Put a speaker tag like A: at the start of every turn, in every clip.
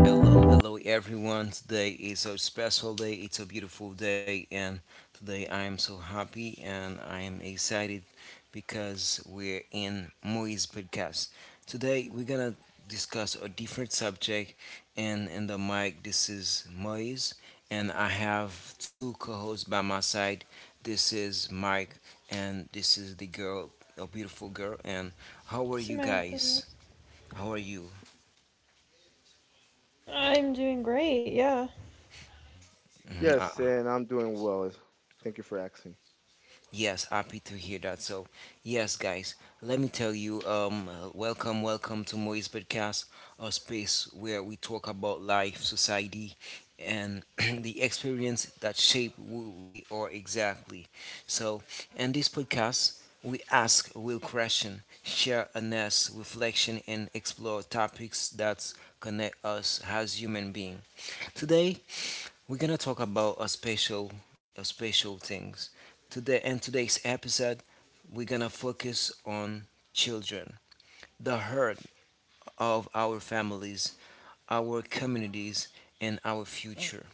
A: Hello, hello everyone. Today is a special day. It's a beautiful day, and today I am so happy and I am excited because we're in Moise podcast. Today we're gonna discuss a different subject, and in the mic this is Moise, and I have two co-hosts by my side. This is Mike, and this is the girl, a beautiful girl. And how are you
B: Samantha,
A: guys?
B: yes.
A: How are you?
B: I'm doing great, yeah.
A: Mhm.
C: Yes, and I'm doing well. Thank you for asking.
A: Yes, happy to hear that. So, yes, guys, let me tell you, welcome to Moise Podcast, a space where we talk about life, society, and the experience that shape who we are exactly. So, in this podcast, we ask real question, share honest reflection, and explore topics that connect us as human being. Today, we're gonna talk about a special things. In today's episode, we're gonna focus on children, the heart of our families, our communities, and our future.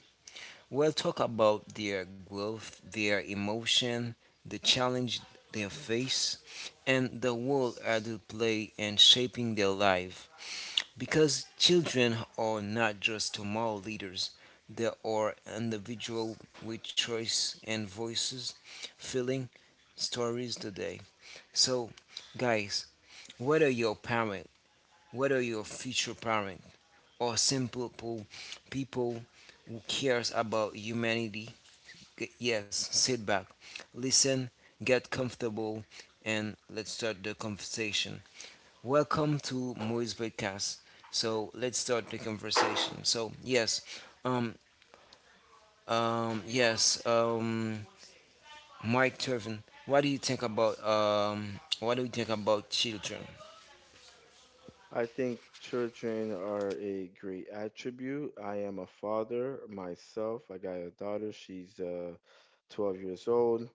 A: We'll talk about their growth, their emotion, the challenge they face, and the role adults play in shaping their life. Because children are not just moral leaders, they are individuals with choice and voices, feeling stories today. So, guys, whether you're a parent, whether you're a future parent, or simple people who cares about humanity, yes, sit back, listen, get comfortable, and let's start the conversation. Welcome to Moise Podcast. So let's start the conversation. So yes, um, um, yes, um, Mike Turvin, what do you think about children?
C: I think children are a great attribute. I am a father myself. I got a daughter. She's 12 years old.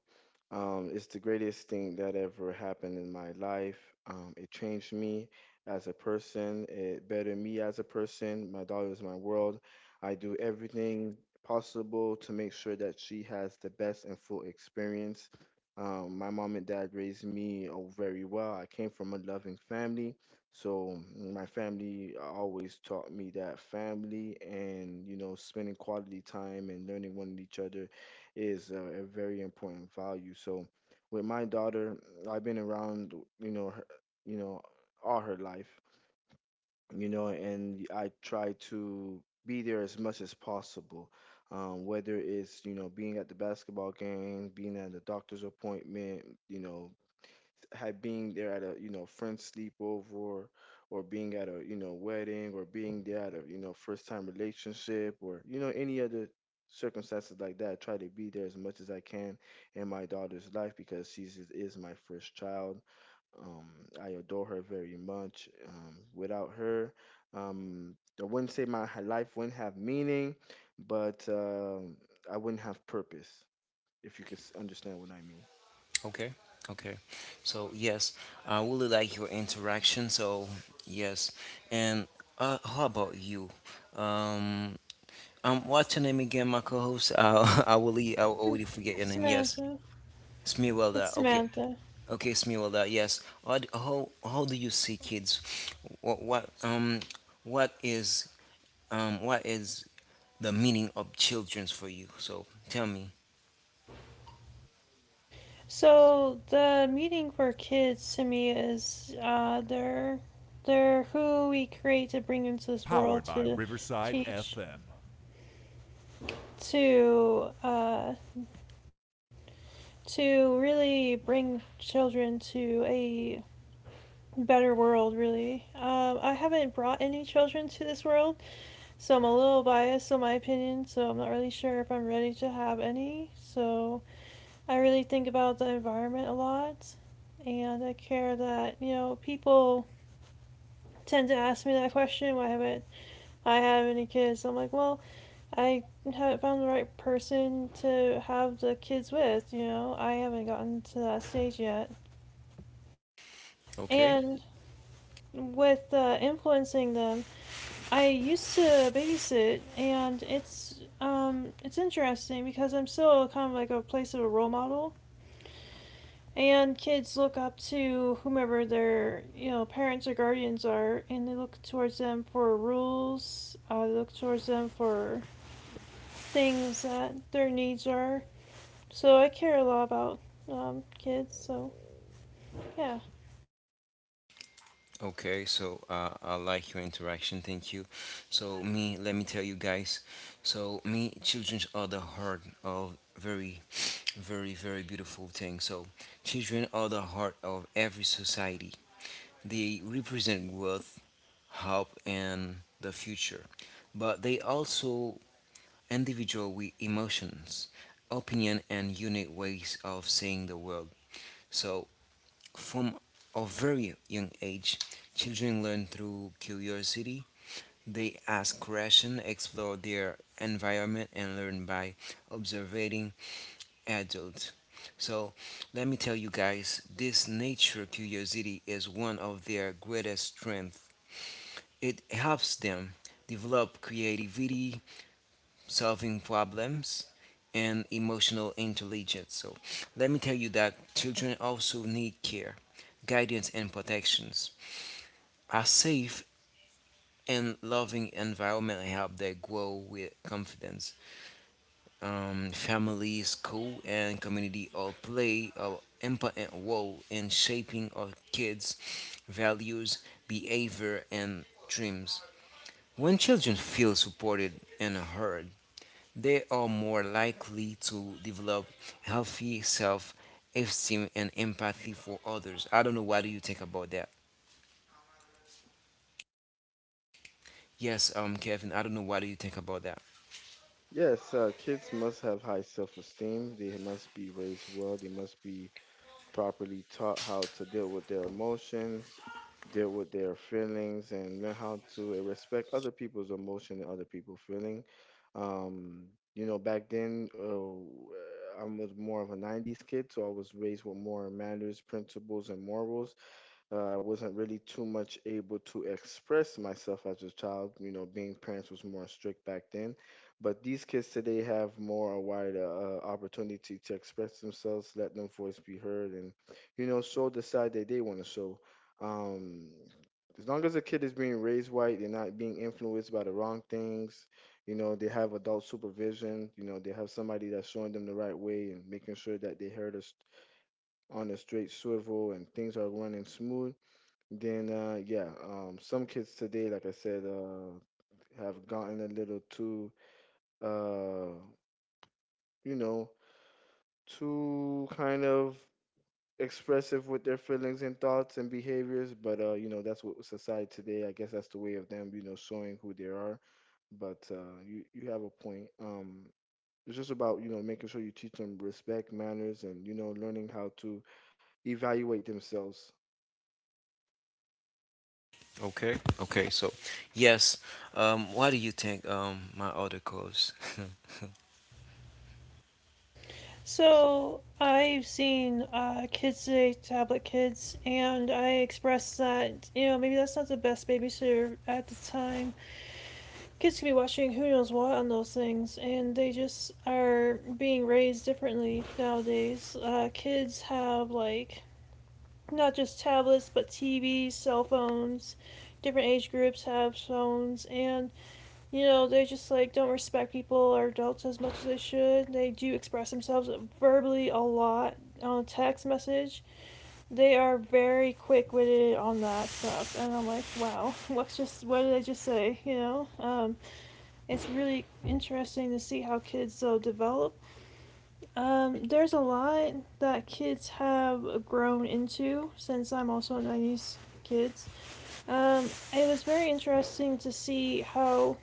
C: It's the greatest thing that ever happened in my life. It changed me as a person. It bettered me as a person. My daughter is my world. I do everything possible to make sure that she has the best and full experience. My mom and dad raised me very well. I came from a loving family, so my family always taught me that family and you know spending quality time and learning one each other is a very important value. So with my daughter, I've been around, you know, her, you know, all her life, you know, and I try to be there as much as possible. Whether it's, you know, being at the basketball game, being at the doctor's appointment, you know, had being there at a you know friend sleepover or being at a you know wedding or being there at a you know first time relationship or you know any other circumstances like that, I try to be there as much as I can in my daughter's life because she's is my first child. um, I adore her very much. Without her, I wouldn't say my life wouldn't have meaning, but I wouldn't have purpose, if you could understand what I mean.
A: Okay, okay. So yes, I really like your interaction. So yes, and how about you? Um, what's your name again, my co-host? I will, I already forget your name. Yes,
B: Samantha. It's
A: Smearwelda. Okay.
B: Samantha.
A: Okay, Smiwada, yes. How do you see kids? What, what, um, what is, what is the meaning of children's for you? So tell me.
B: So the meaning for kids to me is they're who we create to bring into this world to teach to uh to really bring children to a better world, really. I haven't brought any children to this world, so I'm a little biased on my opinion, so I'm not really sure if I'm ready to have any. So I really think about the environment a lot, and I care that, you know, people tend to ask me that question. Why haven't I have any kids? I'm like, well, I haven't found the right person to have the kids with. You know, I haven't gotten to that stage yet,
A: Okay.
B: and with influencing them, I used to babysit, and it's interesting because I'm still kind of like a place of a role model, and kids look up to whomever their, you know, parents or guardians are, and they look towards them for rules. They look towards them for things that their needs are, so I care a lot about kids, so yeah.
A: Okay. So I like your interaction. Thank you. So me, let me tell you guys. So me, childrens are the heart of very, beautiful thing. So children are the heart of every society. They represent growth, hope, and the future, but they also individual with emotions, opinion, and unique ways of seeing the world. So, from a very young age, children learn through curiosity. They ask questions, explore their environment, and learn by observing adults. So, let me tell you guys, this nature curiosity is one of their greatest strengths. It helps them develop creativity, solving problems, and emotional intelligence. So, let me tell you that children also need care, guidance, and protections. A safe and loving environment help them grow with confidence. Family, school, and community all play an important role in shaping our kids' values, behavior, and dreams. When children feel supported and heard, they are more likely to develop healthy self esteem and empathy for others. I don't know what do you think about that? Yes, Kevin, I don't know what do you think about that?
C: Yes, kids must have high self-esteem. They must be raised well. They must be properly taught how to deal with their emotions, deal with their feelings, and learn how to respect other people's emotion and other people's feeling. Um, you know, back then, I was more of a 90s kid, so I was raised with more manners, principles, and morals. I wasn't really too much able to express myself as a child. You know, being parents was more strict back then, but these kids today have more a wider opportunity to express themselves, let their voice be heard, and you know, show the side that they want to show. Um, as long as a kid is being raised right, they're not being influenced by the wrong things. You know, they have adult supervision. You know, they have somebody that's showing them the right way and making sure that they heard us on a straight swivel and things are running smooth, then yeah, some kids today, like I said, have gotten a little too uh you know, too kind of expressive with their feelings and thoughts and behaviors, but you know, that's what society today, I guess that's the way of them, you know, showing who they are. But you you have a point. It's just about, you know, making sure you teach them respect, manners and you know, learning how to evaluate themselves.
A: Okay. Okay, so yes, what do you think my other calls?
B: So I've seen kids today, tablet kids, and I expressed that, you know, maybe that's not the best babysitter at the time. Kids could be watching who knows what on those things, and they just are being raised differently nowadays. Kids have like not just tablets, but TVs, cell phones. Different age groups have phones, and you know they just like don't respect people or adults as much as they should. They do express themselves verbally a lot on text message. They are very quick witted on that stuff, and I'm like, wow, what did I just say? You know, it's really interesting to see how kids though develop. There's a lot that kids have grown into since I'm also a '90s kids. Um, it was very interesting to see how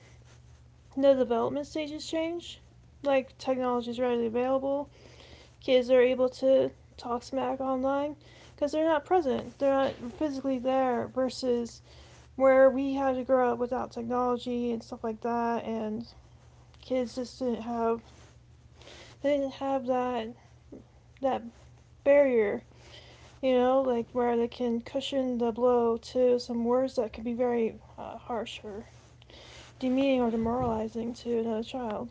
B: the development stages change. Like technology is readily available, kids are able to talk smack online because they're not present. They're not physically there versus where we had to grow up without technology and stuff like that, and kids just didn't have, they didn't have that barrier, you know, like where they can cushion the blow to some words that could be very harsh or demeaning or demoralizing to another child.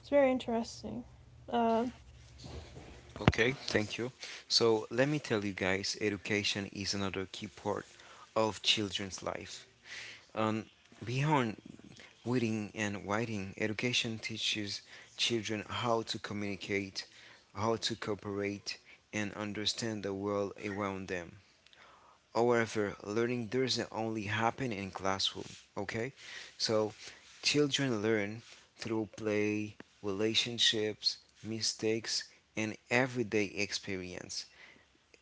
B: It's very interesting. Um,
A: Okay, thank you. So let me tell you guys, education is another key part of children's life. Um, beyond reading and writing, education teaches children how to communicate, how to cooperate, and understand the world around them. However, learning doesn't only happen in classroom, okay? So children learn through play, relationships, mistakes, and everyday experience.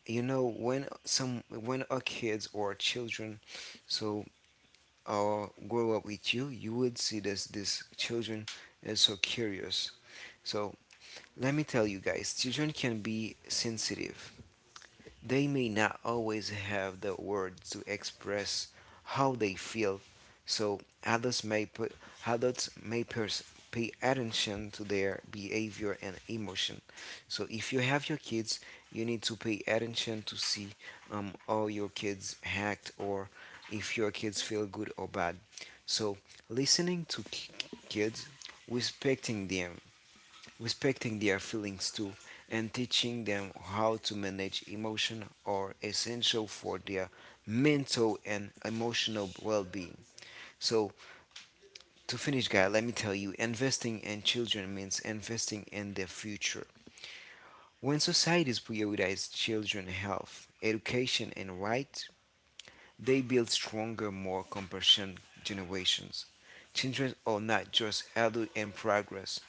A: You know, when our kids or children so grow up with you, you would see this these children is so curious. So let me tell you guys, children can be sensitive they may not always have the words to express how they feel, so adults may pers- pay attention to their behavior and emotion. So if you have your kids, you need to pay attention to see how your kids act or if your kids feel good or bad. So listening to ki- kids, respecting them, respecting their feelings too and teaching them how to manage emotion are essential for their mental and emotional well-being. So, to finish guys, let me tell you, investing in children means investing in their future. When societies prioritize children's health, education and right they build stronger, more compassionate generations. Children are not just adults in progress,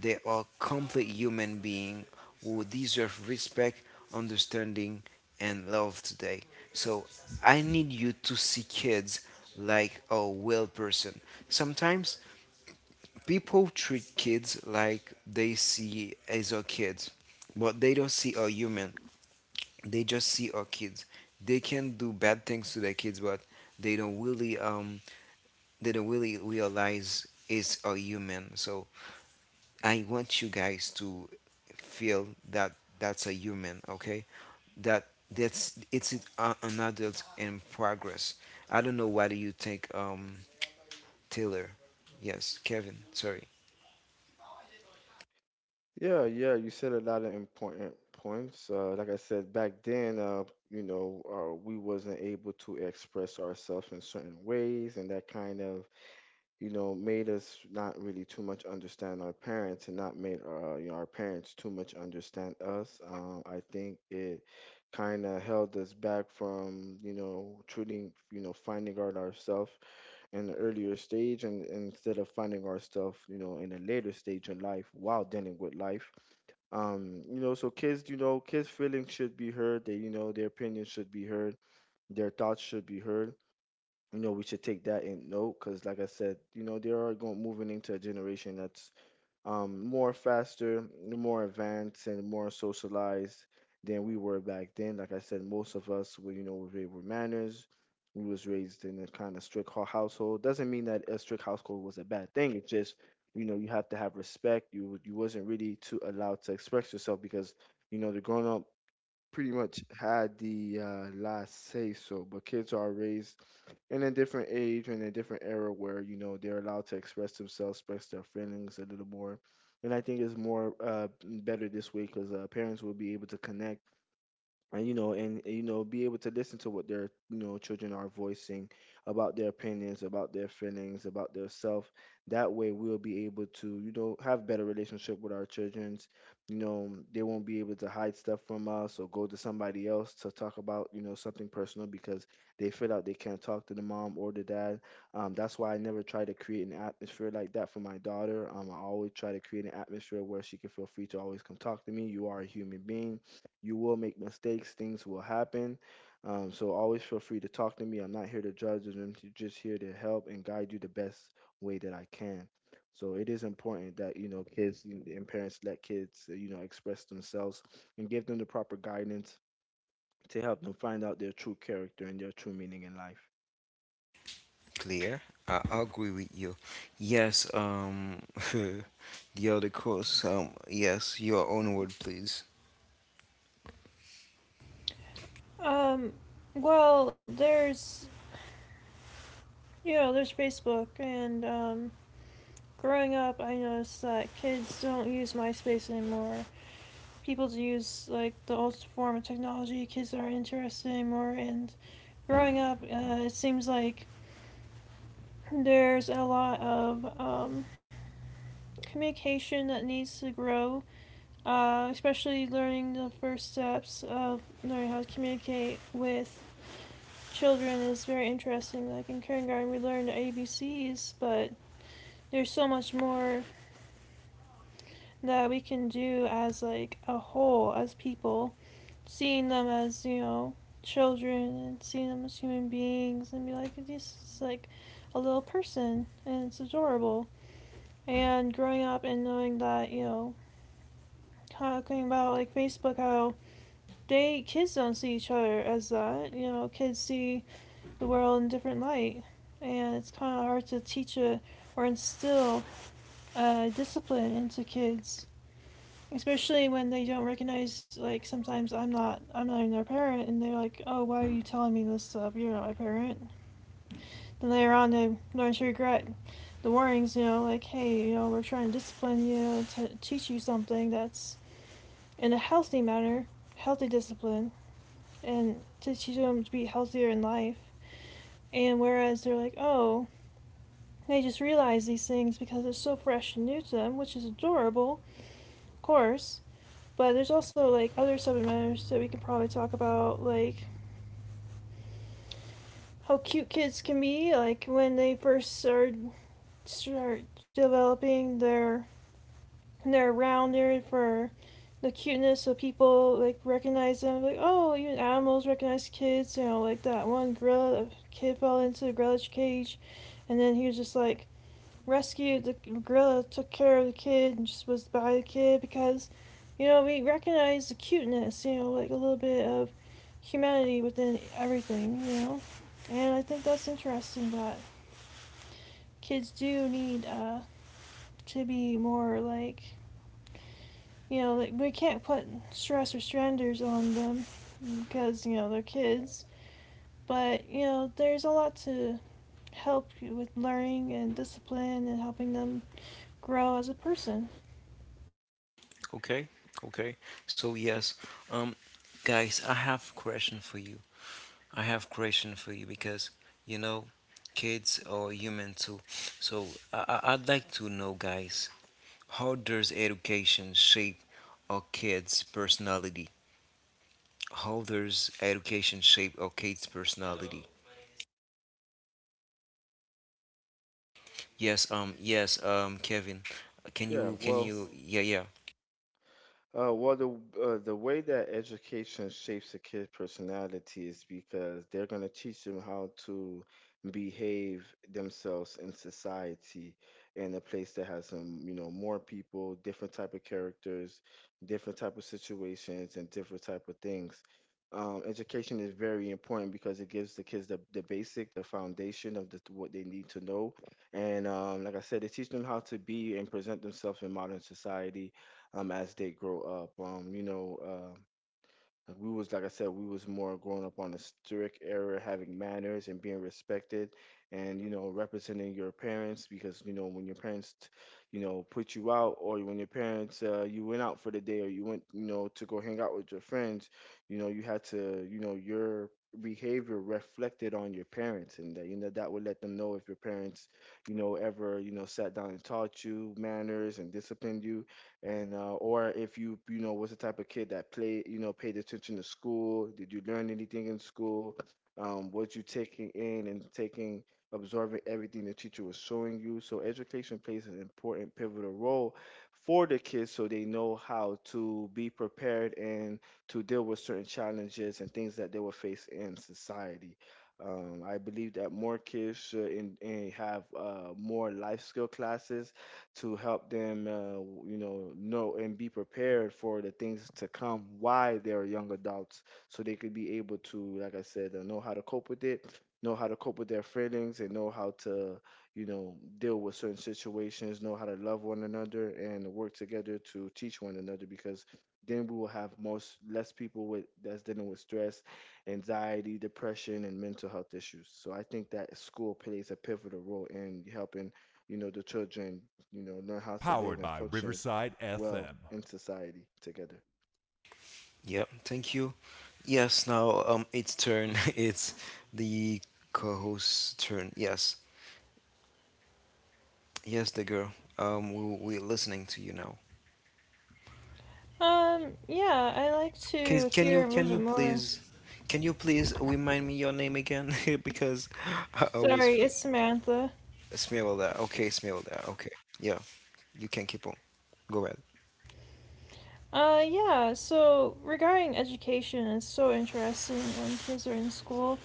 A: they are complete human beings who deserve respect, understanding, and love today. So I need you to see kids like a real person. Sometimes people treat kids like they see as a kid, but they don't see a human they just see our kids. They can do bad things to their kids, but they don't really um they don't really realize it's a human. So I want you guys to feel that that's a human, okay? That that's it's a- an adult in progress. I don't know what do you think, Taylor? Yes, Kevin. Sorry,
C: Yeah, yeah, you said a lot of important points. Like I said, back then, you know, we wasn't able to express ourselves in certain ways, and that kind of, you know, made us not really too much understand our parents, and not made our, you know, our parents too much understand us. I think it kind of held us back from, you know, treating, you know, finding out ourselves in the earlier stage, and, instead of finding ourselves, you know, in a later stage in life while dealing with life, you know so kids you know kids feelings should be heard, they you know their opinions should be heard, their thoughts should be heard, you know we should take that in note because like I said you know they are going moving into a generation that's more faster, more advanced, and more socialized than we were back then. Like I said, most of us, were, you know, were raised with manners. We was raised in a kind of strict household. Doesn't mean that a strict household was a bad thing. It's just, you know, you have to have respect. You wasn't really too allowed to express yourself because, you know, the grown up pretty much had the last say so, but kids are raised in a different age and a different era where you know they're allowed to express themselves, express their feelings a little more, and I think it's more better this way because parents will be able to connect and you know be able to listen to what their you know children are voicing about their opinions, about their feelings, about their self. That way we'll be able to you know have better relationship with our children's, you know they won't be able to hide stuff from us or go to somebody else to talk about you know something personal because they feel like they can't talk to the mom or the dad. That's why I never try to create an atmosphere like that for my daughter. I always try to create an atmosphere where she can feel free to always come talk to me. You are a human being, you will make mistakes, things will happen. So always feel free to talk to me. I'm not here to judge, I'm just here to help and guide you the best way that I can. So it is important that you know kids and parents let kids you know express themselves and give them the proper guidance to help them find out their true character and their true meaning in life.
A: clear. I agree with you. Yes, the other course. Yes, your own word, please.
B: um, well, there's, you know, there's Facebook and, growing up, I noticed that kids don't use MySpace anymore. People use like the old form of technology. Kids aren't interested anymore. And growing up, it seems like there's a lot of communication that needs to grow, especially learning the first steps of learning how to communicate with children is very interesting. Like in kindergarten, we learn the ABCs, but there's so much more that we can do as like a whole as people, seeing them as, you know, children and seeing them as human beings and be like this is like a little person and it's adorable. And growing up and knowing that, you know, talking about like Facebook, how they kids don't see each other as that. You know, kids see the world in a different light, and it's kind of hard to teach it or instill discipline into kids, especially when they don't recognize. Like sometimes I'm not even their parent, and they're like, "Oh, why are you telling me this stuff? You're not my parent." Then later on, they learn to regret the warnings. You know, like, "Hey, you know, we're trying to discipline you, to teach you something that's in a healthy manner, healthy discipline, and to teach them to be healthier in life. And whereas they're like, oh, they just realize these things because it's so fresh and new to them, which is adorable, of course. But there's also like other subject matters that we could probably talk about, like how cute kids can be, like when they first start developing their. And they're around there for the cuteness, so people like recognize them. Like, oh, even animals recognize kids. You know, like that one gorilla, the kid fell into the gorilla's cage, and then he was just like rescued. The gorilla took care of the kid and just was by the kid because, you know, we recognize the cuteness. You know, like a little bit of humanity within everything. You know, and I think that's interesting that kids do need to be more like, you know, like, we can't put stress or stranders on them because, you know, they're kids. But, you know, there's a lot to help you with learning and discipline and helping them grow as a person.
A: Okay, okay. So yes, um, guys, I have question for you. I have question for you because you know, kids are human too. So I'd like to know, guys, how does education shape a kid's personality? How does education shape a kid's personality? Yes, Kevin,
C: Yeah, well,
A: yeah, yeah.
C: the the way that education shapes a kid's personality is because they're going to teach them how to behave themselves in society, in a place that has some you know, more people, different type of characters, different type of situations, and different type of things. Education is very important because it gives the kids the basic, the foundation of the, what they need to know, and like I said, it teaches them how to be and present themselves in modern society as they grow up. You know, like, we was like I said, we was more growing up on the strict era, having manners and being respected, and you know, representing your parents because you know when your parents, you know, put you out or when your parents you went out for the day or you went you know to go hang out with your friends, you know, you had to you know your behavior reflected on your parents and that you know that would let them know if your parents you know ever you know sat down and taught you manners and disciplined you, and or if you you know was the type of kid that played you know paid attention to school, did you learn anything in school, what you taking in and taking absorbing everything the teacher was showing you. So education plays an important pivotal role for the kids so they know how to be prepared and to deal with certain challenges and things that they will face in society. I believe that more kids should in have more life skill classes to help them, you know and be prepared for the things to come while they're young adults, so they could be able to, like I said, know how to cope with it, know how to cope with their feelings, and know how to, you know, deal with certain situations, know how to love one another, and work together to teach one another. Because then we will have most less people with that's dealing with stress, anxiety, depression, and mental health issues. So I think that school plays a pivotal role in helping you know, the children, you know, learn how to live and function well in society together.
A: Yeah, thank you. Yes, now it's turn. It's the co-host's turn. Yes, yes, the girl. We're listening to you now.
B: Yeah, I like
A: Can,
B: to
A: can you
B: hear a little bit more.
A: can you please remind me your name again? because I always f-
B: Sorry, it's Samantha.
A: smell that. Okay, smell that. Okay, yeah, you can keep on. Go ahead.
B: Yeah, so regarding education, it's so interesting when kids are in school.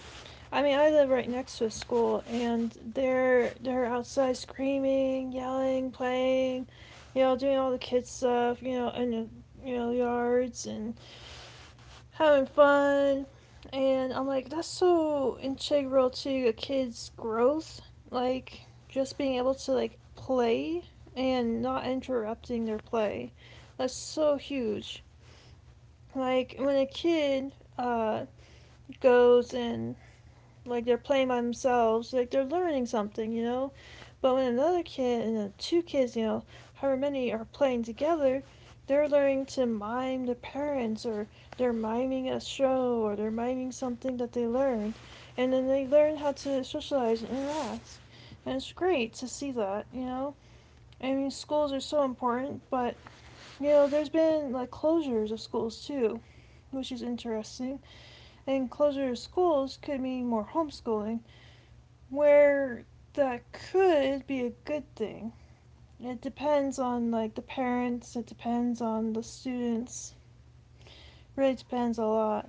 B: I mean, I live right next to a school, and they're outside screaming, yelling, playing, you know, doing all the kids stuff, you know, in the, you know, yards and having fun, and I'm like, that's so integral to a kid's growth, like just being able to like play and not interrupting their play. That's so huge. Like when a kid uh, goes and like they're playing by themselves, like they're learning something, you know. But when another kid and two kids, you know, however many are playing together, they're learning to mime the parents or they're miming a show or they're miming something that they learned, and then they learn how to socialize and interact. And it's great to see that, you know. I mean, schools are so important, but you know, there's been like closures of schools too, which is interesting. And closure of schools could mean more homeschooling where that could be a good thing. It depends on like the parents, it depends on the students, it really depends a lot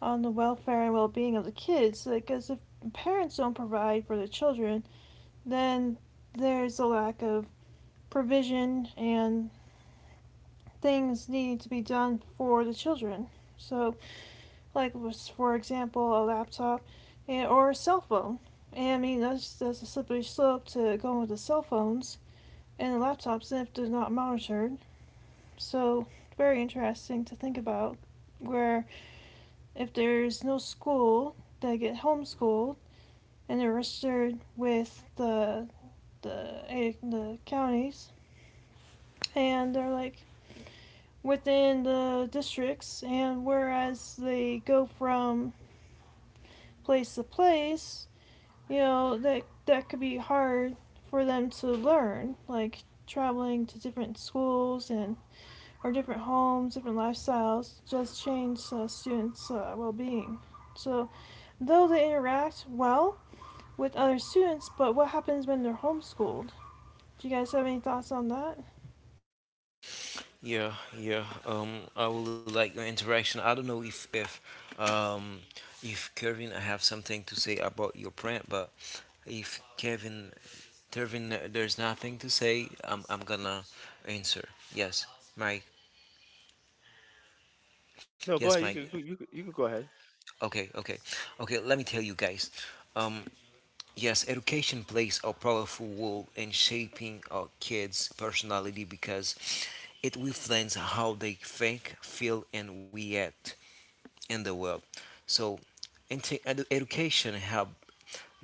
B: on the welfare and well-being of the kids because if parents don't provide for the children, then there's a lack of provision and things need to be done for the children. So, like was for example, a laptop and, or a cell phone. And I mean that's a slippery slope to going with the cell phones and the laptop SNP is not monitored. So very interesting to think about where if there's no school, they get homeschooled and they're registered with the counties and they're like within the districts and whereas they go from place to place, you know, that could be hard for them to learn, like traveling to different schools and our different homes, different lifestyles just change students' well being. So, though they interact well with other students, but what happens when they're homeschooled? Do you guys have any thoughts on that?
A: Yeah, yeah. I would like the interaction. I don't know if if um if Kevin, I have something to say about your print, but if Kevin, Kevin, there's nothing to say, I'm gonna answer. Yes, Mike.
C: No,
A: Yes,
C: go
A: Mike.
C: ahead. You could go ahead.
A: Okay, okay, okay. Let me tell you guys. Um, yes, education plays a powerful role in shaping our kids' personality because it reflects how they think, feel, and react in the world. So education help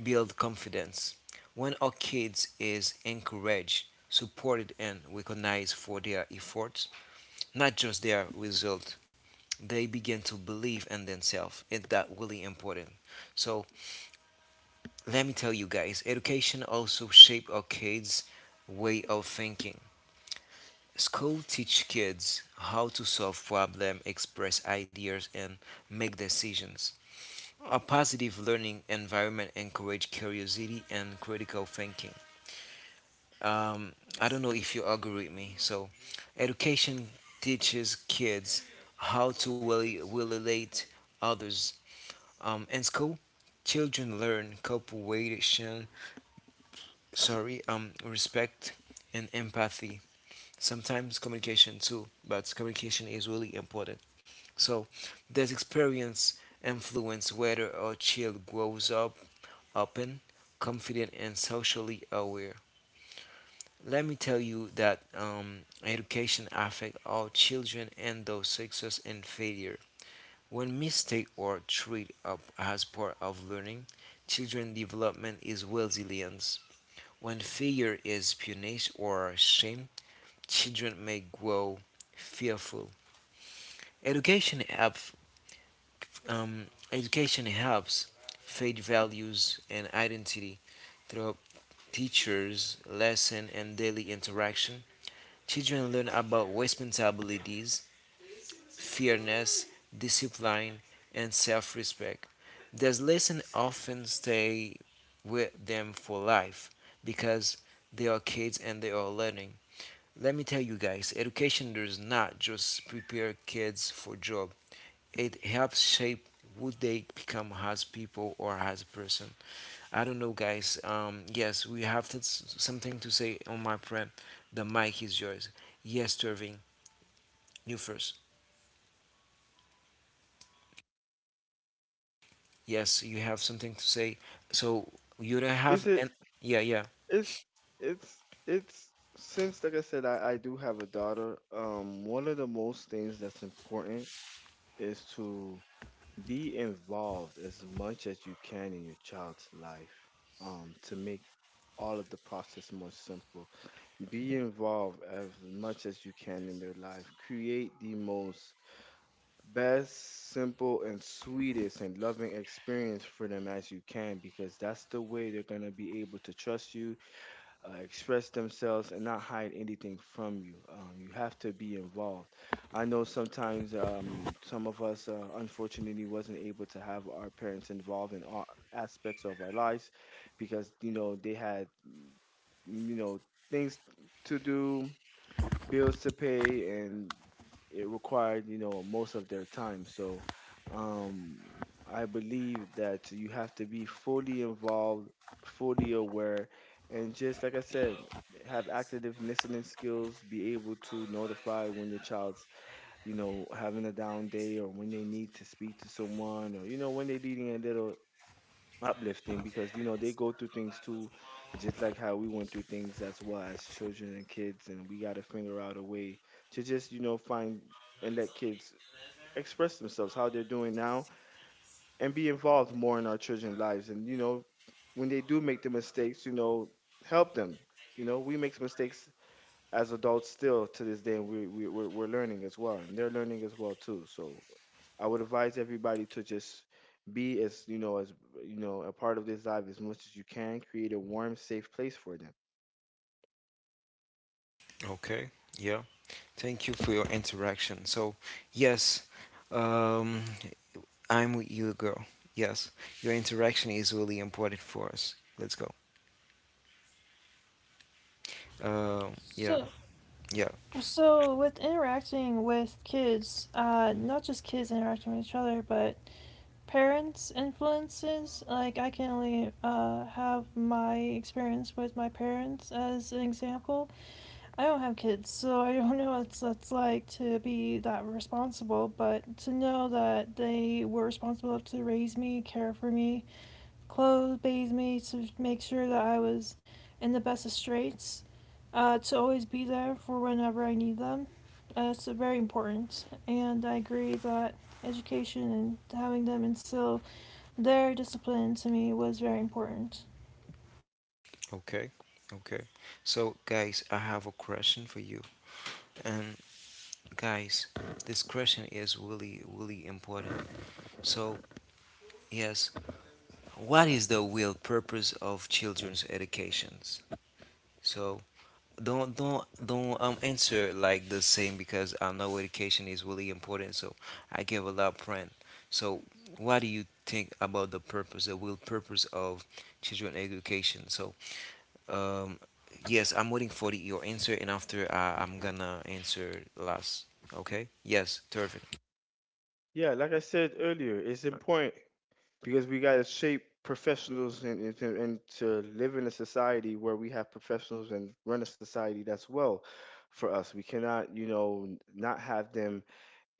A: build confidence. When our kids is encouraged, supported, and recognized for their efforts, not just their result, they begin to believe in themselves. It's that really important. So let me tell you guys, education also shape our kids' way of thinking. School teach kids how to solve problem, express ideas, and make decisions. A positive learning environment encourage curiosity and critical thinking. Um, I don't know if you agree with me. So, education teaches kids will relate others. In school, children learn cooperation, sorry, respect, and empathy. Sometimes communication too, but communication is really important. So, this experience influence whether a child grows up open, confident, and socially aware. Let me tell you that education affects all children and those success and failure. When mistake or treat up as part of learning, children development is resilience. When fear is punished or shame, children may grow fearful. Education helps. Um, education helps faith values and identity through teachers, lesson, and daily interaction, children learn about responsibilities, fairness, discipline, and self respect. These lessons often stay with them for life because they are kids and they are learning. Let me tell you guys, education does not just prepare kids for job. It helps shape who they become as people or as a person. I don't know, guys. Yes, we have to, something to say on my friend. The mic is yours. Yes, Turving, you first. Yes, you have something to say. So you don't
C: Is
A: have
C: it
A: an yeah, yeah.
C: it's it's since like I said, I do have a daughter, one of the most things that's important is to be involved as much as you can in your child's life, to make all of the process more simple. Be involved as much as you can in their life. Create the most best, simple, and sweetest and loving experience for them as you can because that's the way they're going to be able to trust you, express themselves, and not hide anything from you. You have to be involved. I know sometimes some of us, unfortunately, wasn't able to have our parents involved in all aspects of our lives because, you know, they had, you know, things to do, bills to pay, and it required, you know, most of their time. So um I believe that you have to be fully involved, fully aware, and just like I said, have active listening skills. Be able to notify when your child's, you know, having a down day, or when they need to speak to someone, or, you know, when they're needing a little uplifting, because, you know, they go through things too, just like how we went through things as well as children and kids. And we got to figure out a way to just, you know, find and let kids express themselves how they're doing now, and be involved more in our children's lives. And, you know, when they do make the mistakes, you know, help them. You know, we make mistakes as adults still to this day, and we're learning as well, and they're learning as well too. So I would advise everybody to just be, as you know a part of this life as much as you can. Create a warm, safe place for them.
A: Okay, yeah. Thank you for your interaction. So yes, um, I'm with you, girl. Yes, your interaction is really important for us. Let's go. Yeah,
B: So,
A: yeah.
B: so with interacting with kids, not just kids interacting with each other, but parents' influences. Like I can only have my experience with my parents as an example. I don't have kids, so I don't know what that's like to be that responsible, but to know that they were responsible enough to raise me, care for me, clothe, bathe me, to make sure that I was in the best of straits, to always be there for whenever I need them. It's very important, and I agree that education and having them instill their discipline to me was very important.
A: Okay, okay. So guys, I have a question for you, and Guys, this question is really, really important. So, yes, what is the real purpose of children's educations? So, don't answer like the same because I know education is really important. So, I give a lot of friend. So, what do you think about the real purpose of children education? So, um, yes, I'm waiting for the, your answer, and after I'm gonna answer last. Okay. Yes, perfect.
C: Yeah, like I said earlier, it's important because we gotta shape professionals, and to live in a society where we have professionals and run a society that's well for us. We cannot, you know, not have them,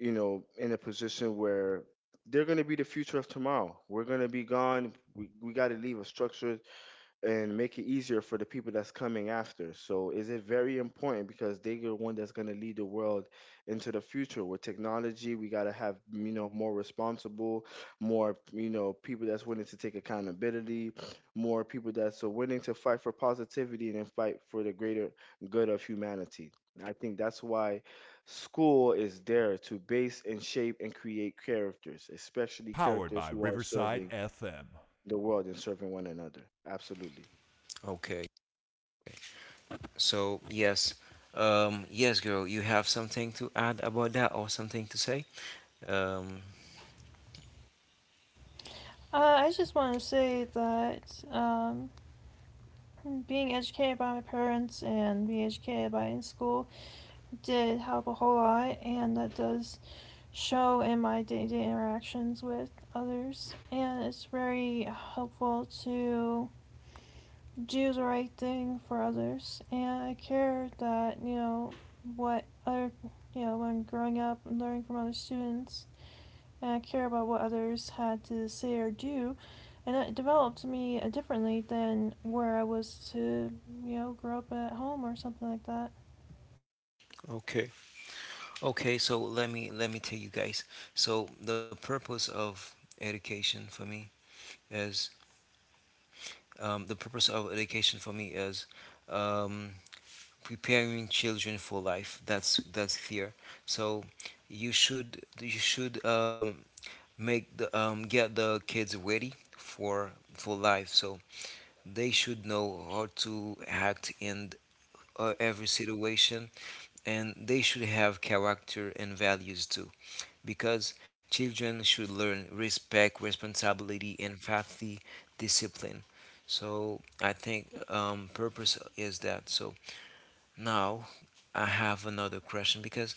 C: you know, in a position where they're going to be the future of tomorrow. We're going to be gone. We got to leave a structure and make it easier for the people that's coming after. So is it very important, because they're the one that's going to lead the world into the future with technology. We got to have, you know, more responsible, more, you know, people that's willing to take accountability, more people that's willing to fight for positivity and then fight for the greater good of humanity. I think that's why school is there to base and shape and create characters, especially characters who are serving the world and serving one another. Absolutely.
A: Okay. So yes, yes, girl, you have something to add about that or something to say? Um,
B: I just want to say that being educated by my parents and being educated by in school did help a whole lot and that does show in my day-to-day interactions with others, and it's very helpful to do the right thing for others, and I care that, you know, what other you know, when growing up and learning from other students, care about what others had to say or do, and it developed me differently than where I was to, you know, grow up at home or something like that.
A: okay, okay. So let me tell you guys. So education for me is the purpose of education for me is um, preparing children for life. That's clear. So you should make the get the kids ready for life. So they should know how to act in every situation, and they should have character and values too. Because children should learn respect, responsibility, empathy, discipline. So I think purpose is that. So now I have another question because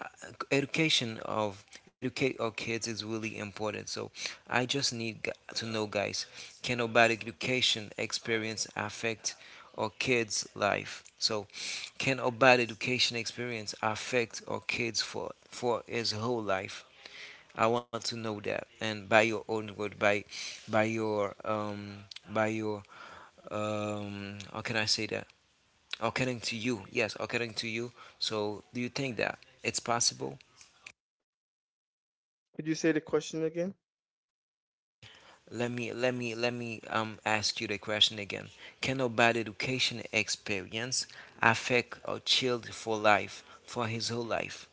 A: uh, education of educate our kids is really important, so I just need to know, guys, can our bad education experience affect our kids life? So can our bad education experience affect our kids for his whole life? I want to know that, and by your own word, by by your um by your how can I say that, according to you? Yes, according to you. So do you think that it's possible?
C: Could you say the question again?
A: Let me ask you the question again. Can a bad education experience affect a child for life, for his whole life?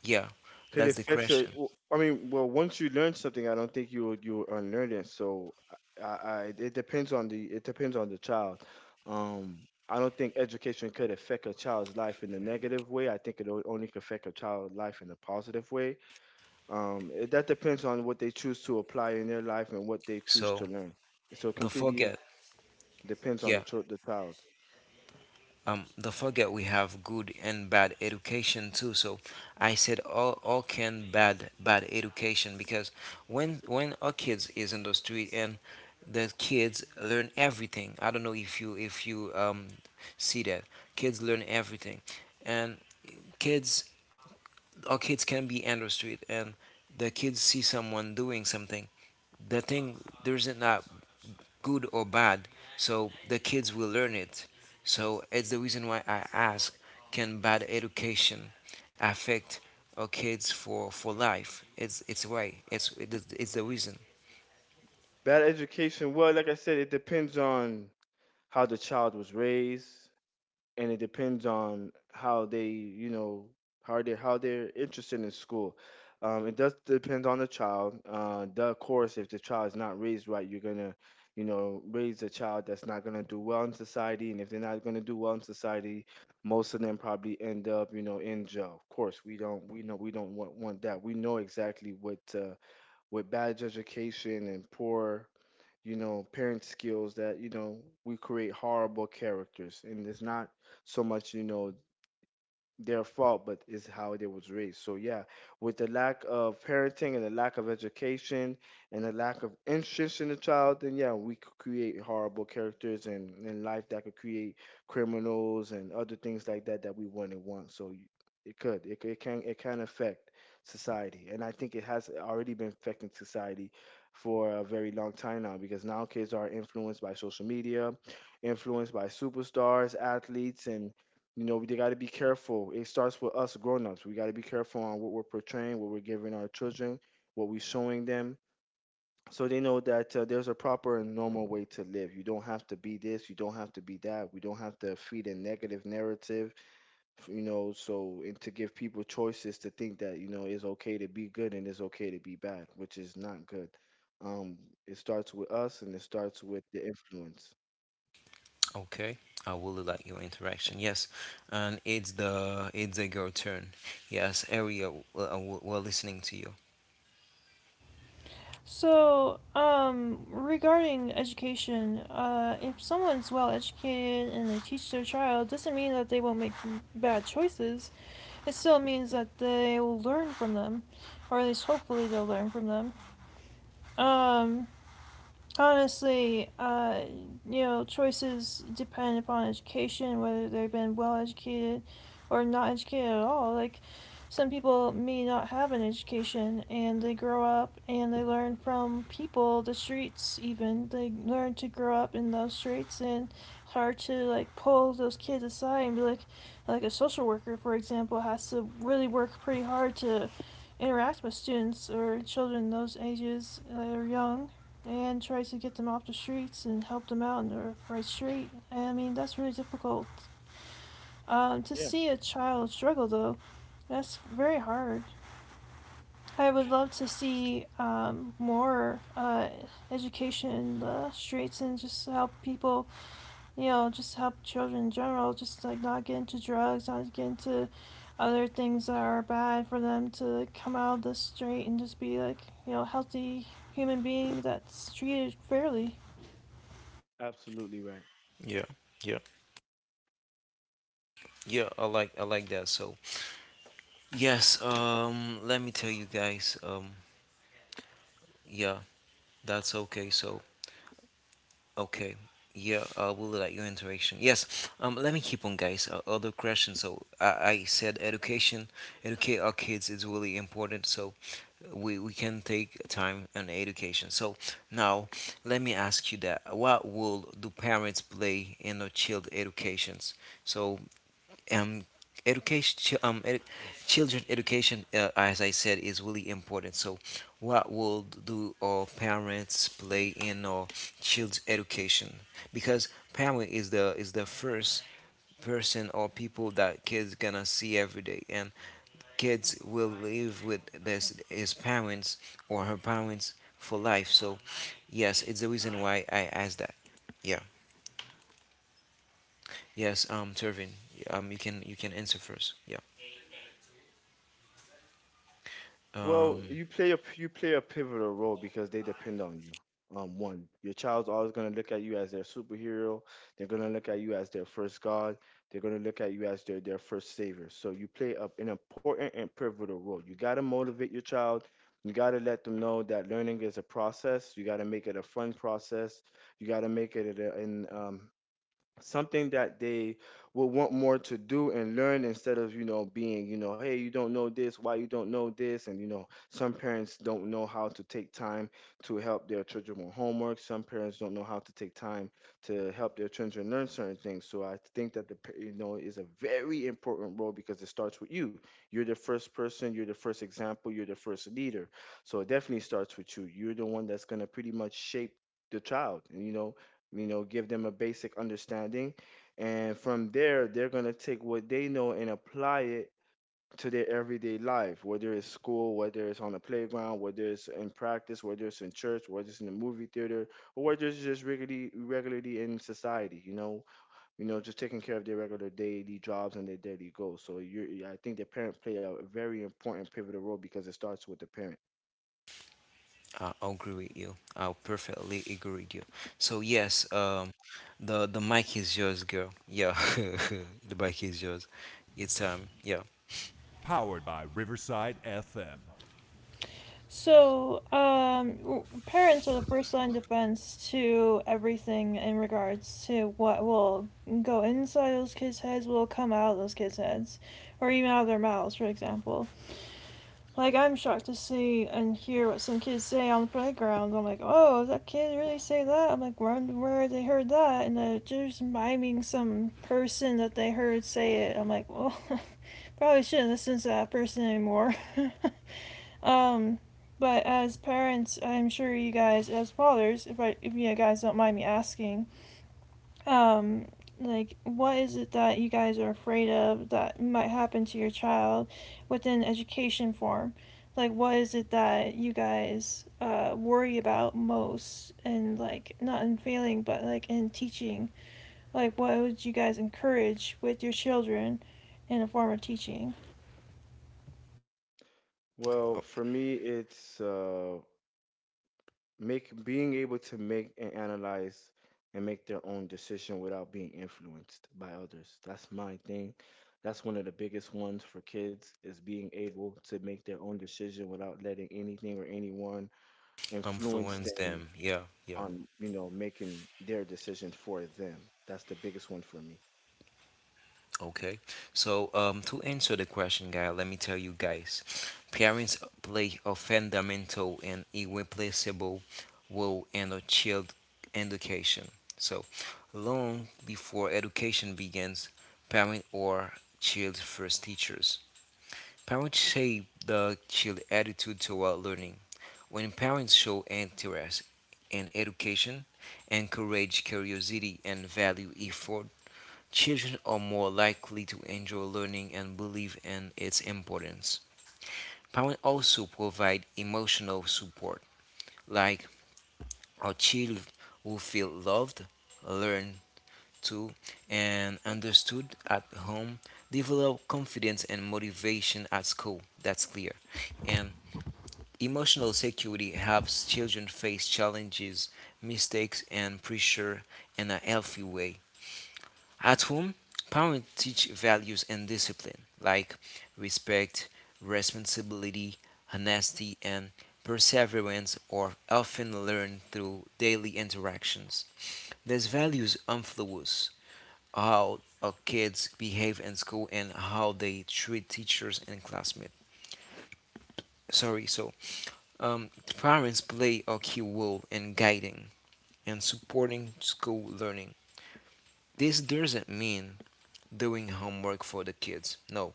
A: Yeah,
C: Could
A: that's
C: it
A: the
C: affect the?
A: question.
C: I mean, well, once you learn something, I don't think you would unlearn it. So, I it depends on the, it depends on the child. Um, I don't think education could affect a child's life in a negative way. I think it only could affect a child's life in a positive way. It, that depends on what they choose to apply in their life and what they choose
A: So
C: to learn. So, it
A: don't
C: completely
A: forget.
C: depends on
A: Yeah,
C: the child.
A: don't forget we have good and bad education too. So I said all can bad education, because when our kids is in the street and the kids learn everything. I don't know if you see that kids learn everything, and kids our kids can be in the street and the kids see someone doing something. The thing there isn't good or bad. So the kids will learn it. So it's the reason why I ask, can bad education affect our kids for, life? It's why. It's the reason.
C: Bad education. Well, like I said, it depends on how the child was raised, and it depends on how they, you know, how they, how they're interested in school. It does depend on the child. The, of course, if the child is not raised right, you're gonna, you know, raise a child that's not gonna do well in society. And if they're not gonna do well in society, most of them probably end up, you know, in jail. Of course, we don't, we know, we don't want that. We know exactly what bad education and poor, you know, parent skills, that, you know, we create horrible characters. And it's not so much, you know, their fault, but it's how they was raised. So yeah, with the lack of parenting and the lack of education and the lack of interest in the child, then yeah, we could create horrible characters, and in life that could create criminals and other things like that that we wouldn't want. So it could, it can affect society, and I think it has already been affecting society for a very long time now, because now kids are influenced by social media, influenced by superstars, athletes, and, you know, we got to be careful. It starts with us grown-ups. We got to be careful on what we're portraying, what we're giving our children, what we're showing them, so they know that there's a proper and normal way to live. You don't have to be this, you don't have to be that. We don't have to feed a negative narrative, you know, so and to give people choices to think that, you know, it's okay to be good and it's okay to be bad, which is not good. Um, it starts with us and it starts with the influence.
A: Okay, I really like your interaction. Yes, and it's the girl turn. Yes, area. We're listening to you.
B: So, regarding education, if someone's well educated and they teach their child, doesn't mean that they won't make bad choices. It still means that they will learn from them, or at least hopefully they'll learn from them. Um, Honestly, you know, choices depend upon education, whether they've been well educated or not educated at all. Like, some people may not have an education and they grow up and they learn from people, the streets, even. They learn to grow up in those streets, and it's hard to, like, pull those kids aside and be like a social worker, for example, has to really work pretty hard to interact with students or children those ages that are young and tries to get them off the streets and help them out in the right street. I mean, that's really difficult. To
C: Yeah,
B: see a child struggle, though, that's very hard. I would love to see more education in the streets and just help people, just help children in general, just like not get into drugs, not get into other things that are bad for them to come out of the street and just be like, healthy human being that's treated fairly.
C: absolutely right.
A: Yeah, yeah. Yeah, I like that. So yes, let me tell you guys. Yeah, that's okay. So okay. Yeah, I will like your interaction. Yes. Let me keep on, guys. Other question. So I said education, educate our kids is really important. So we can take time on education. So now let me ask you that. What role do parents play in our child educations? So um, education, chi- um, edu- children education, as I said, is really important. So, what will do our parents play in our child's education? Because parent is the first person or people that kids gonna see every day, and kids will live with this his parents or her parents for life. So, yes, it's the reason why I asked that. Yeah. Yes. Tervin. You can answer first. Yeah.
C: Well,
A: Um.
C: you play a pivotal role because they depend on you. One, your child's always gonna look at you as their superhero. They're gonna look at you as their first god. They're gonna look at you as their first savior. So you play a, an important and pivotal role. You gotta motivate your child. You gotta let them know that learning is a process. You gotta make it a fun process. You gotta make it a, an something that they would want more to do and learn, instead of, you know, being, you know, hey, you don't know this, why you don't know this. And, you know, some parents don't know how to take time to help their children with homework. Some parents don't know how to take time to help their children learn certain things. So I think that you know, is a very important role, because it starts with you. You're the first person, you're the first example, you're the first leader. So it definitely starts with you. You're the one that's going to pretty much shape the child, and, you know, give them a basic understanding. And from there, they're going to take what they know and apply it to their everyday life, whether it's school, whether it's on the playground, whether it's in practice, whether it's in church, whether it's in the movie theater, or whether it's just regularly in society, you know, just taking care of their regular daily jobs and their daily goals. So you, I think the parent play a very important pivotal role because it starts with the parent.
A: I agree with you. I perfectly agree with you. So yes, the mic is yours, girl. Yeah, the mic is yours. It's yeah,
B: So, parents are the first line defense to everything in regards to what will go inside those kids' heads, will come out of those kids' heads, or even out of their mouths, for example. Like, I'm shocked to see and hear what some kids say on the playground. I'm like, oh, that kid really say that? I'm like, where they heard that? And they're just miming some person that they heard say it. I'm like, well, probably shouldn't listen to that person anymore. Um, but as parents, I'm sure you guys, as fathers, if you guys don't mind me asking, um, like what is it that you guys are afraid of that might happen to your child within education form? Like what is it that you guys worry about most, and like not in failing, but like in teaching? Like what would you guys encourage with your children in a form of teaching?
C: Well,
A: uh,
C: for me, it's make being able to make and analyze and make their own decision without being influenced by others. That's my thing. That's one of the biggest ones for kids, is being able to make their own decision without letting anything or anyone influence
A: influence
C: them
A: them. Yeah, yeah.
C: on, you know, making their decisions for them. That's the biggest one for me.
A: Okay. So to answer the question, guy, let me tell you guys, parents play a fundamental and irreplaceable role in a child education. So long before education begins, parents are child's first teachers. Parents shape the child's attitude toward learning. When parents show interest in education, encourage curiosity, and value effort, children are more likely to enjoy learning and believe in its importance. Parents also provide emotional support, like a child who feel loved, learn to, and understood at home, develop confidence and motivation at school. That's clear. And emotional security helps children face challenges, mistakes, and pressure in a healthy way. At home, parents teach values and discipline like respect, responsibility, honesty, and perseverance are often learned through daily interactions. These values influence how our kids behave in school and how they treat teachers and classmates. Sorry, so Um, parents play a key role in guiding and supporting school learning. This doesn't mean doing homework for the kids, no,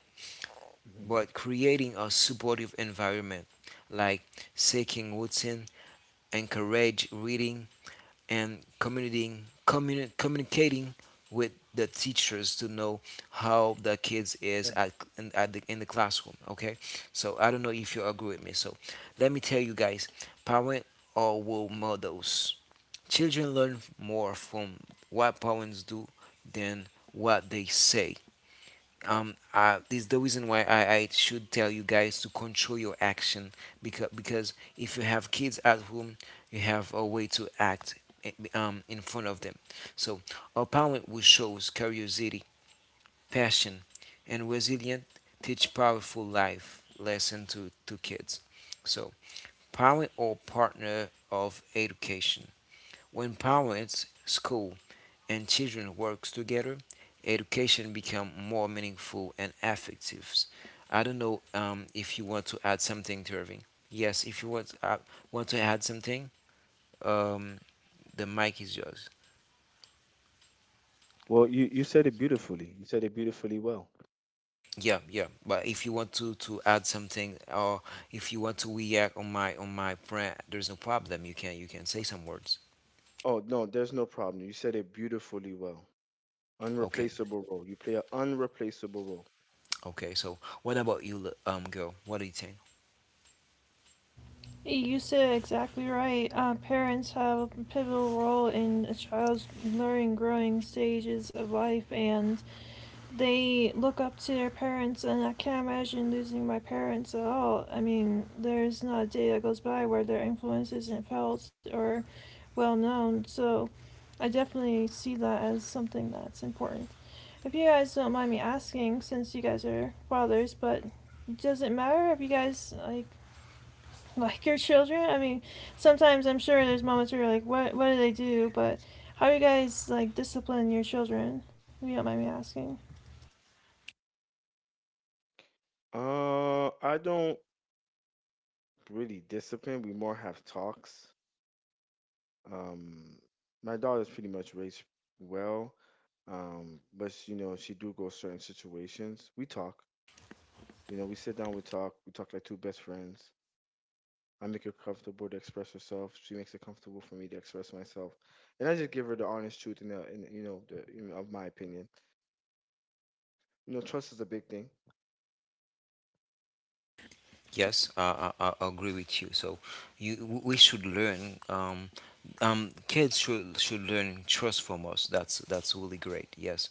A: but creating a supportive environment, like seeking routine, encourage reading, and communicating with the teachers to know how the kids is at, in, at the, in the classroom. Okay, so I don't know if you agree with me. So let me tell you guys, parent or role models, children learn more from what parents do than what they say. This is the reason why I should tell you guys to control your action, because if you have kids at home, you have a way to act in front of them. So a parent who shows curiosity, passion, and resilient teach powerful life lesson to kids. So parent or partner of education, when parents, school, and children work together, education become more meaningful and effective. I don't know if you want to add something, Irving. Yes, if you want to want to add something, um, the mic is yours. Yeah, yeah. But if you want to add something, or if you want to react on my brand, there's no problem. You can say some words. Okay, okay. So what about you, girl? What do you think?
B: You said exactly right. Parents have a pivotal role in a child's learning, growing stages of life, and they look up to their parents. And I can't imagine losing my parents at all. I mean, there's not a day that goes by where their influence isn't felt or well known. So I definitely see that as something that's important. If you guys don't mind me asking, since you guys are fathers, but does it matter if you guys like your children? I mean, sometimes I'm sure there's moments where you're like, what do they do? But how do you guys like discipline your children? If you don't mind me asking.
A: Yes, I agree with you. So, we should learn. Kids should learn trust from us. That's really great. Yes,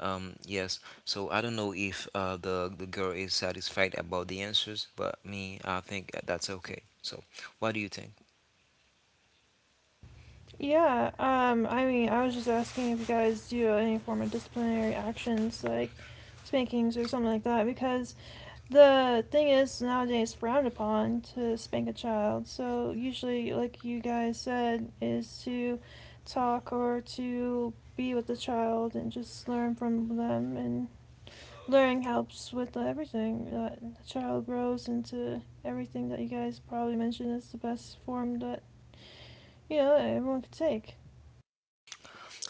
A: yes. So I don't know if the girl is satisfied about the answers, but me, I think that's okay. So, what do you think?
B: Yeah, I mean, I was just asking if you guys do any form of disciplinary actions like spankings or something like that because the thing is nowadays frowned upon to spank a child. So usually, like you guys said, is to talk or to be with the child and just learn from them and learning helps with everything. That the child grows into everything that you guys probably mentioned as the best form that you know everyone could take.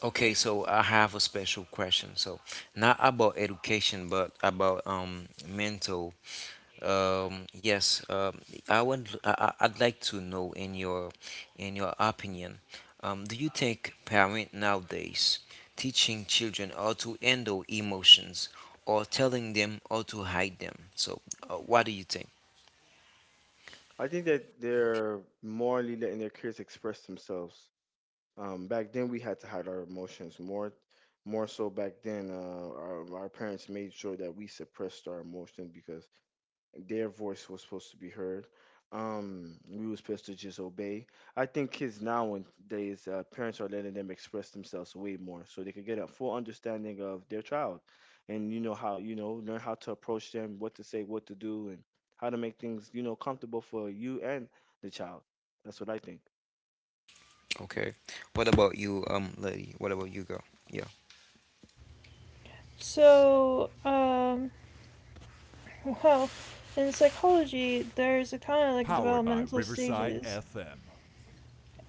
A: Okay, so I have a special question. So, not about education, but about mental yes, I would. I- I'd like to know in your opinion, do you think parents nowadays teaching children how to handle emotions or telling them how to hide them? So, what do you think? Okay, what about you, lady? What about you, girl? Yeah,
B: So, well, in psychology, there's a kind of like developmental stages.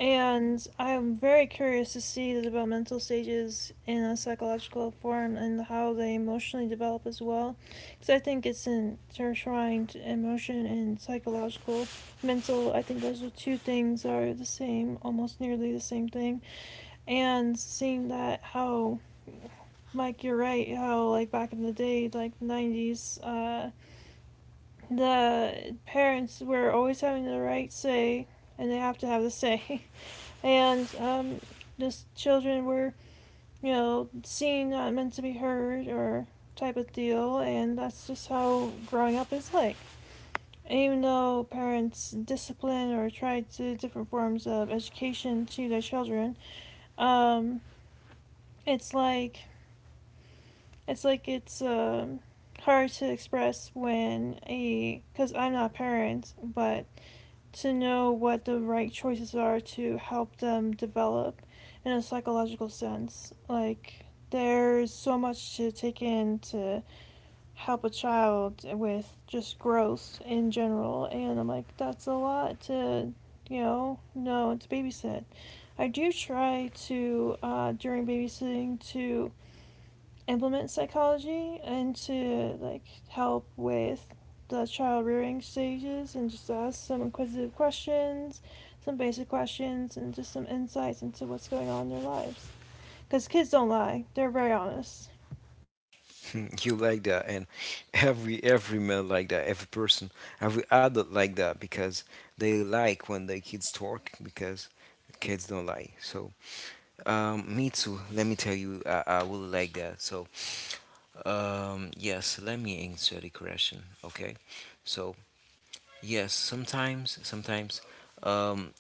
B: And I'm very curious to see the developmental stages in a psychological form and how they emotionally develop as well. Because I think it's intertwined emotion and psychological, mental. I think those two things are the same, almost nearly the same thing. And Mike, you're right, how like back in the day, like the 90s, the parents were always having the right say and they have to have the say. And just children were you know seen not meant to be heard or type of deal, and that's just how growing up is like. And even though parents discipline or try to different forms of education to their children, um, it's like it's hard to express when a because I'm not a parent, but to know what the right choices are to help them develop in a psychological sense. Like, there's so much to take in to help a child with just growth in general. And I'm like, that's a lot to, you know and to babysit. I do try to, during babysitting, to implement psychology and to like help with the child rearing stages and just ask some inquisitive questions, some basic questions, and just some insights into what's going on in their lives. Because kids don't lie, they're very honest.
A: you like that, and every man like that, every person, every adult like that, because they like when the kids talk, because kids don't lie. So me too. Let me tell you, I will like that. So, yes, let me answer the question. Okay. So, yes, sometimes, um,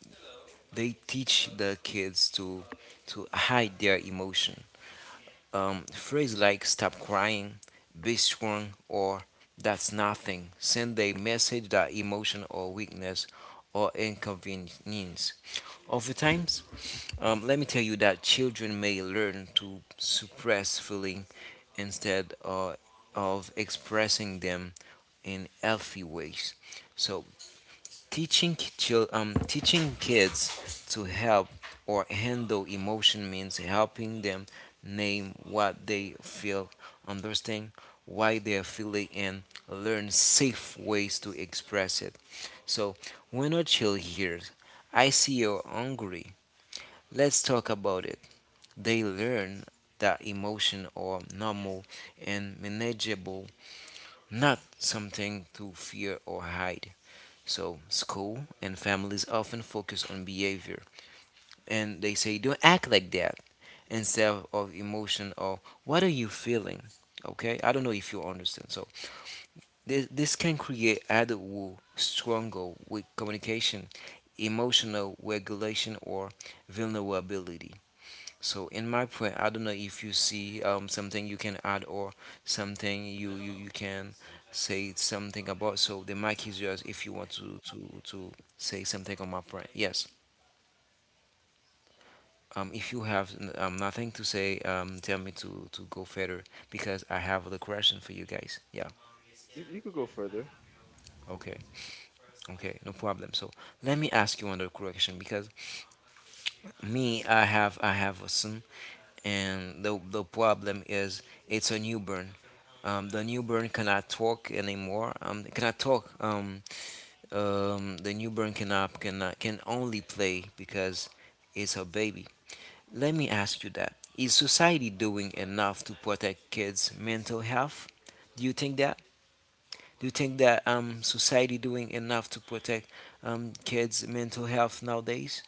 A: they teach the kids to hide their emotion. Phrase like "stop crying," "be strong," or "that's nothing" send a message that emotion or weakness or inconvenience. Over time, let me tell you that children may learn to suppress feeling instead of expressing them in healthy ways. So teaching kids to help or handle emotion means helping them name what they feel, understand why they are feeling, and learn safe ways to express it. So when a child hears, "I see you're hungry," let's talk about it. They learn that emotions are normal and manageable, not something to fear or hide. So, school and families often focus on behavior, and they say, don't act like that instead of emotion or what are you feeling? Okay, I don't know if you understand. So, this can create adult struggle with communication, emotional regulation, or vulnerability. So in my point, I don't know if you see something you can add or something you can say something about. So the mic is yours if you want to, to say something on my point. Yes. If you have nothing to say, tell me to, go further, because I have the question for you guys. Yeah. Okay. Okay. No problem. So let me ask you another question, because me, I have a son, and the problem is it's a newborn. The newborn cannot talk anymore. Cannot talk. The newborn cannot cannot can only play because it's a baby. Let me ask you that: is society doing enough to protect kids' mental health? Do you think that? Do you think that society doing enough to protect kids' mental health nowadays?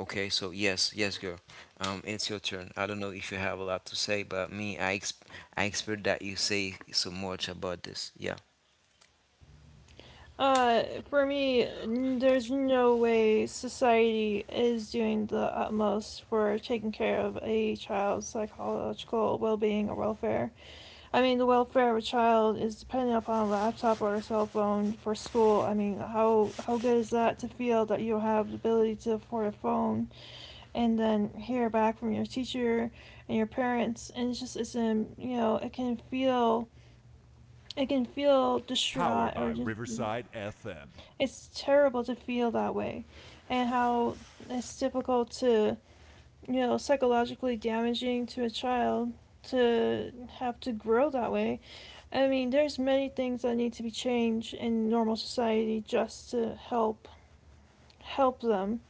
A: Okay, so yes, yes, girl. It's your turn. I don't know if you have a lot to say, but me, I expect that you say so much about this. Yeah.
B: For me, there's no way society is doing the utmost for taking care of a child's psychological well being or welfare. I mean, the welfare of a child is dependent upon a laptop or a cell phone for school. I mean, how good is that to feel that you have the ability to afford a phone and then hear back from your teacher and your parents? And it's just it's a you know it can feel distraught or just it's terrible to feel that way, and how it's difficult to you know psychologically damaging to a child to have to grow that way. I mean, there's many things that need to be changed in normal society just to help them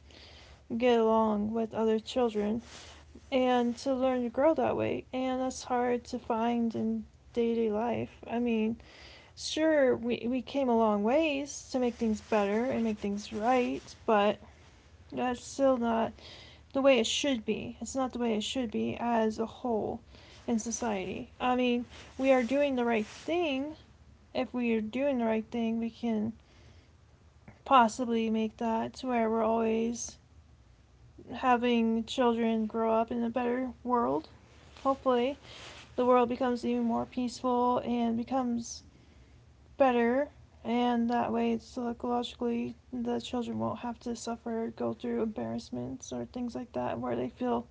B: get along with other children and to learn to grow that way, and that's hard to find in day-to-day life. I mean, sure we came a long ways to make things better and make things right, but that's still not the way it should be. It's not the way it should be as a whole in society. I mean, we are doing the right thing. If we are doing the right thing, we can possibly make that to where we're always having children grow up in a better world. Hopefully, the world becomes even more peaceful and becomes better. And that way, psychologically, the children won't have to suffer, go through embarrassments or things like that, where they feel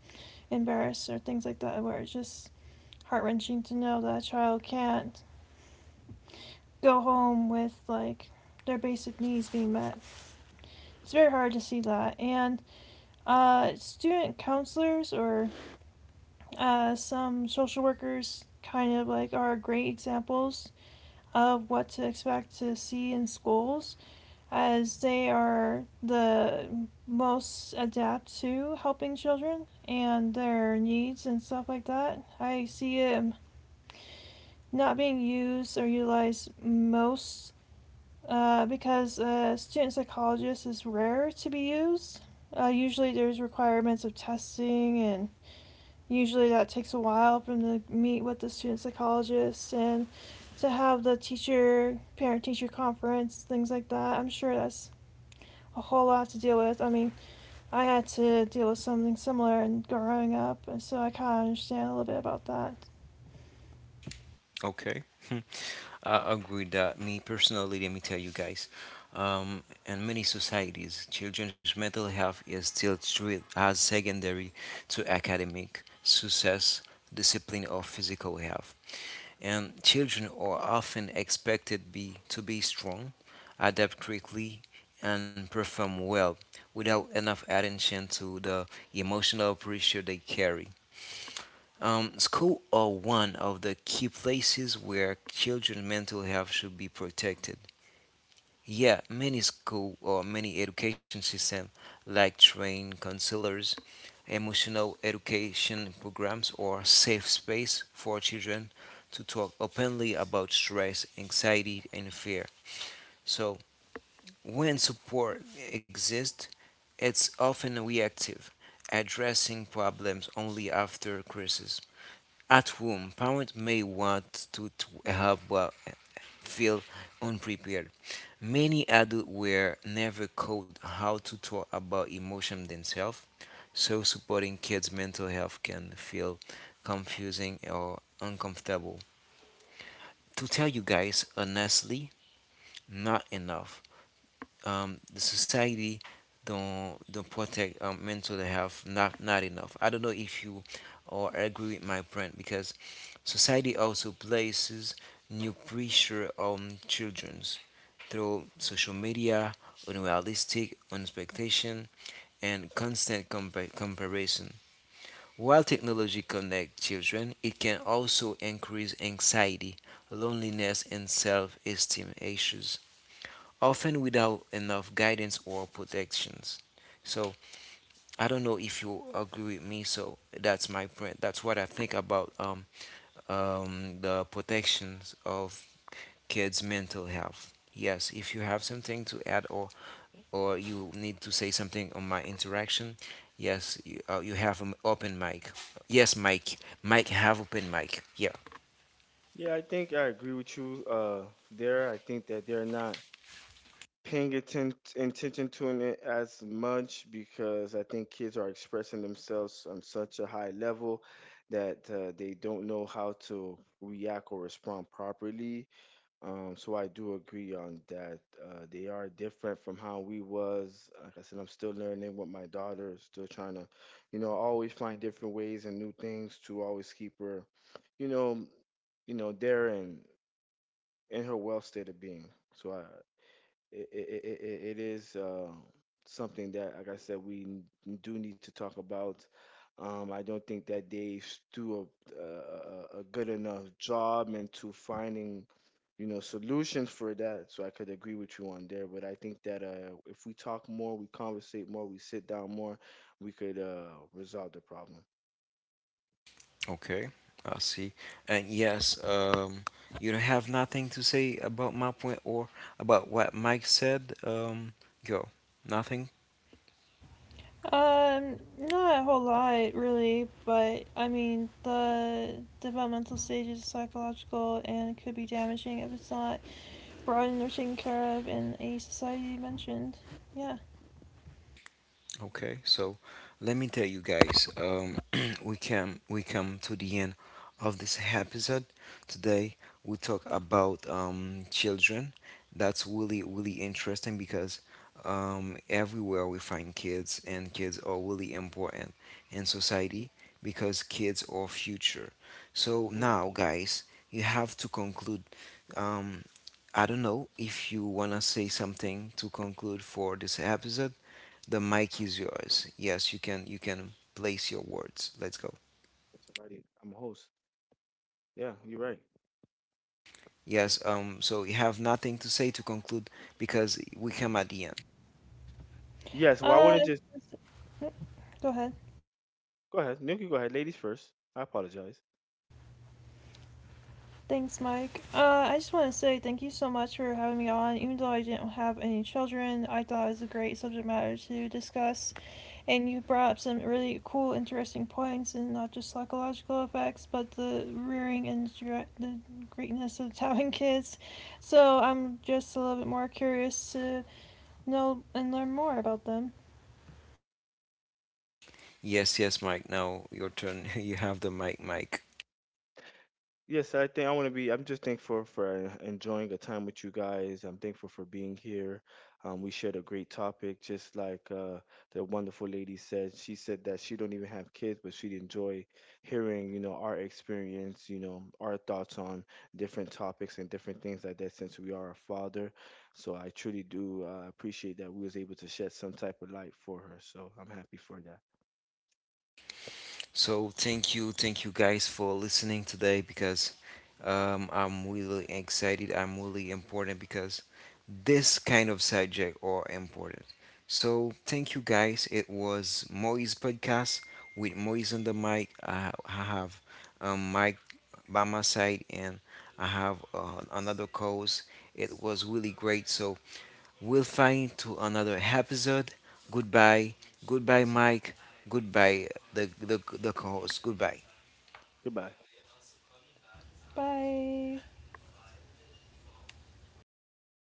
B: embarrassed or things like that where it's just heart wrenching to know that a child can't go home with like their basic needs being met. It's very hard to see that. And student counselors or some social workers kind of like are great examples of what to expect to see in schools as they are the most adept to helping children and their needs and stuff like that. I see it not being used or utilized most because a student psychologist is rare to be used. Usually, there's requirements of testing, and usually that takes a while for them to meet with the student psychologist and to have the teacher parent teacher conference, things like that. I'm sure that's a whole lot to deal with. I mean, I had to deal with something similar and growing up, and so I kind of understand a little bit about that.
A: Okay. Hmm. I agree that me personally, let me tell you guys, in many societies, children's mental health is still treated as secondary to academic success, discipline, or physical health. And children are often expected to be strong, adapt quickly, and perform well without enough attention to the emotional pressure they carry. School are one of the key places where children's mental health should be protected. Yeah, many school or many education system like train counselors, emotional education programs or safe space for children to talk openly about stress, anxiety and fear. So when support exists, it's often reactive, addressing problems only after crisis. At home, parents may want to, help, well, feel unprepared. Many adults were never taught how to talk about emotion themselves, so supporting kids' mental health can feel confusing or uncomfortable. To tell you guys honestly, not enough. The society don't protect mental health, not enough. I don't know if you or agree with my friend, because society also places new pressure on childrens through social media, unrealistic expectation, and comparison. While technology connects children, it can also increase anxiety, loneliness, and self-esteem issues often without enough guidance or protections. So I don't know if you agree with me. So that's my point. That's what I think about the protections of kids' mental health. Yes, if you have something to add or you need to say something on my interaction, yes, you have an open mic. Yes, Mike. Mike have open mic. Yeah. Okay, I see. And yes, you have nothing to say about my point or about what Mike said. Go. Nothing.
B: Not a whole lot really, but I mean the developmental stage is psychological and could be damaging if it's not broadened or taken care of in a society mentioned. Yeah.
A: Okay, so let me tell you guys, we come to the end of this episode. Today we talk about children. That's really interesting, because everywhere we find kids, and kids are really important in society because kids are future. So now, guys, you have to conclude. Um, I don't know if you wanna say something to conclude for this episode. The mic is yours. Yes, you can place your words. Let's go. Yes, so you have nothing to say to conclude, because we come at the end.
B: Uh, go ahead. Thanks, Mike. I just want to say thank you so much for having me on. Even though I didn't have any children, I thought it was a great subject matter to discuss, and you brought up some really cool, interesting points, and not just psychological effects, but the rearing and the greatness of Taiwan kids. So I'm just a little bit more curious to know and learn more about them.
A: Yes, yes, Mike. Now your turn. You have the mic, Mike. So thank you guys for listening today, because I'm really excited. I'm really important because this kind of subject are important. So thank you guys. It was Moise podcast with Moise on the mic. I have Mike by my side, and I have another cause. It was really great. So we'll find to another episode. Goodbye, goodbye, Mike. Goodbye, the co-host. Goodbye.
B: Bye.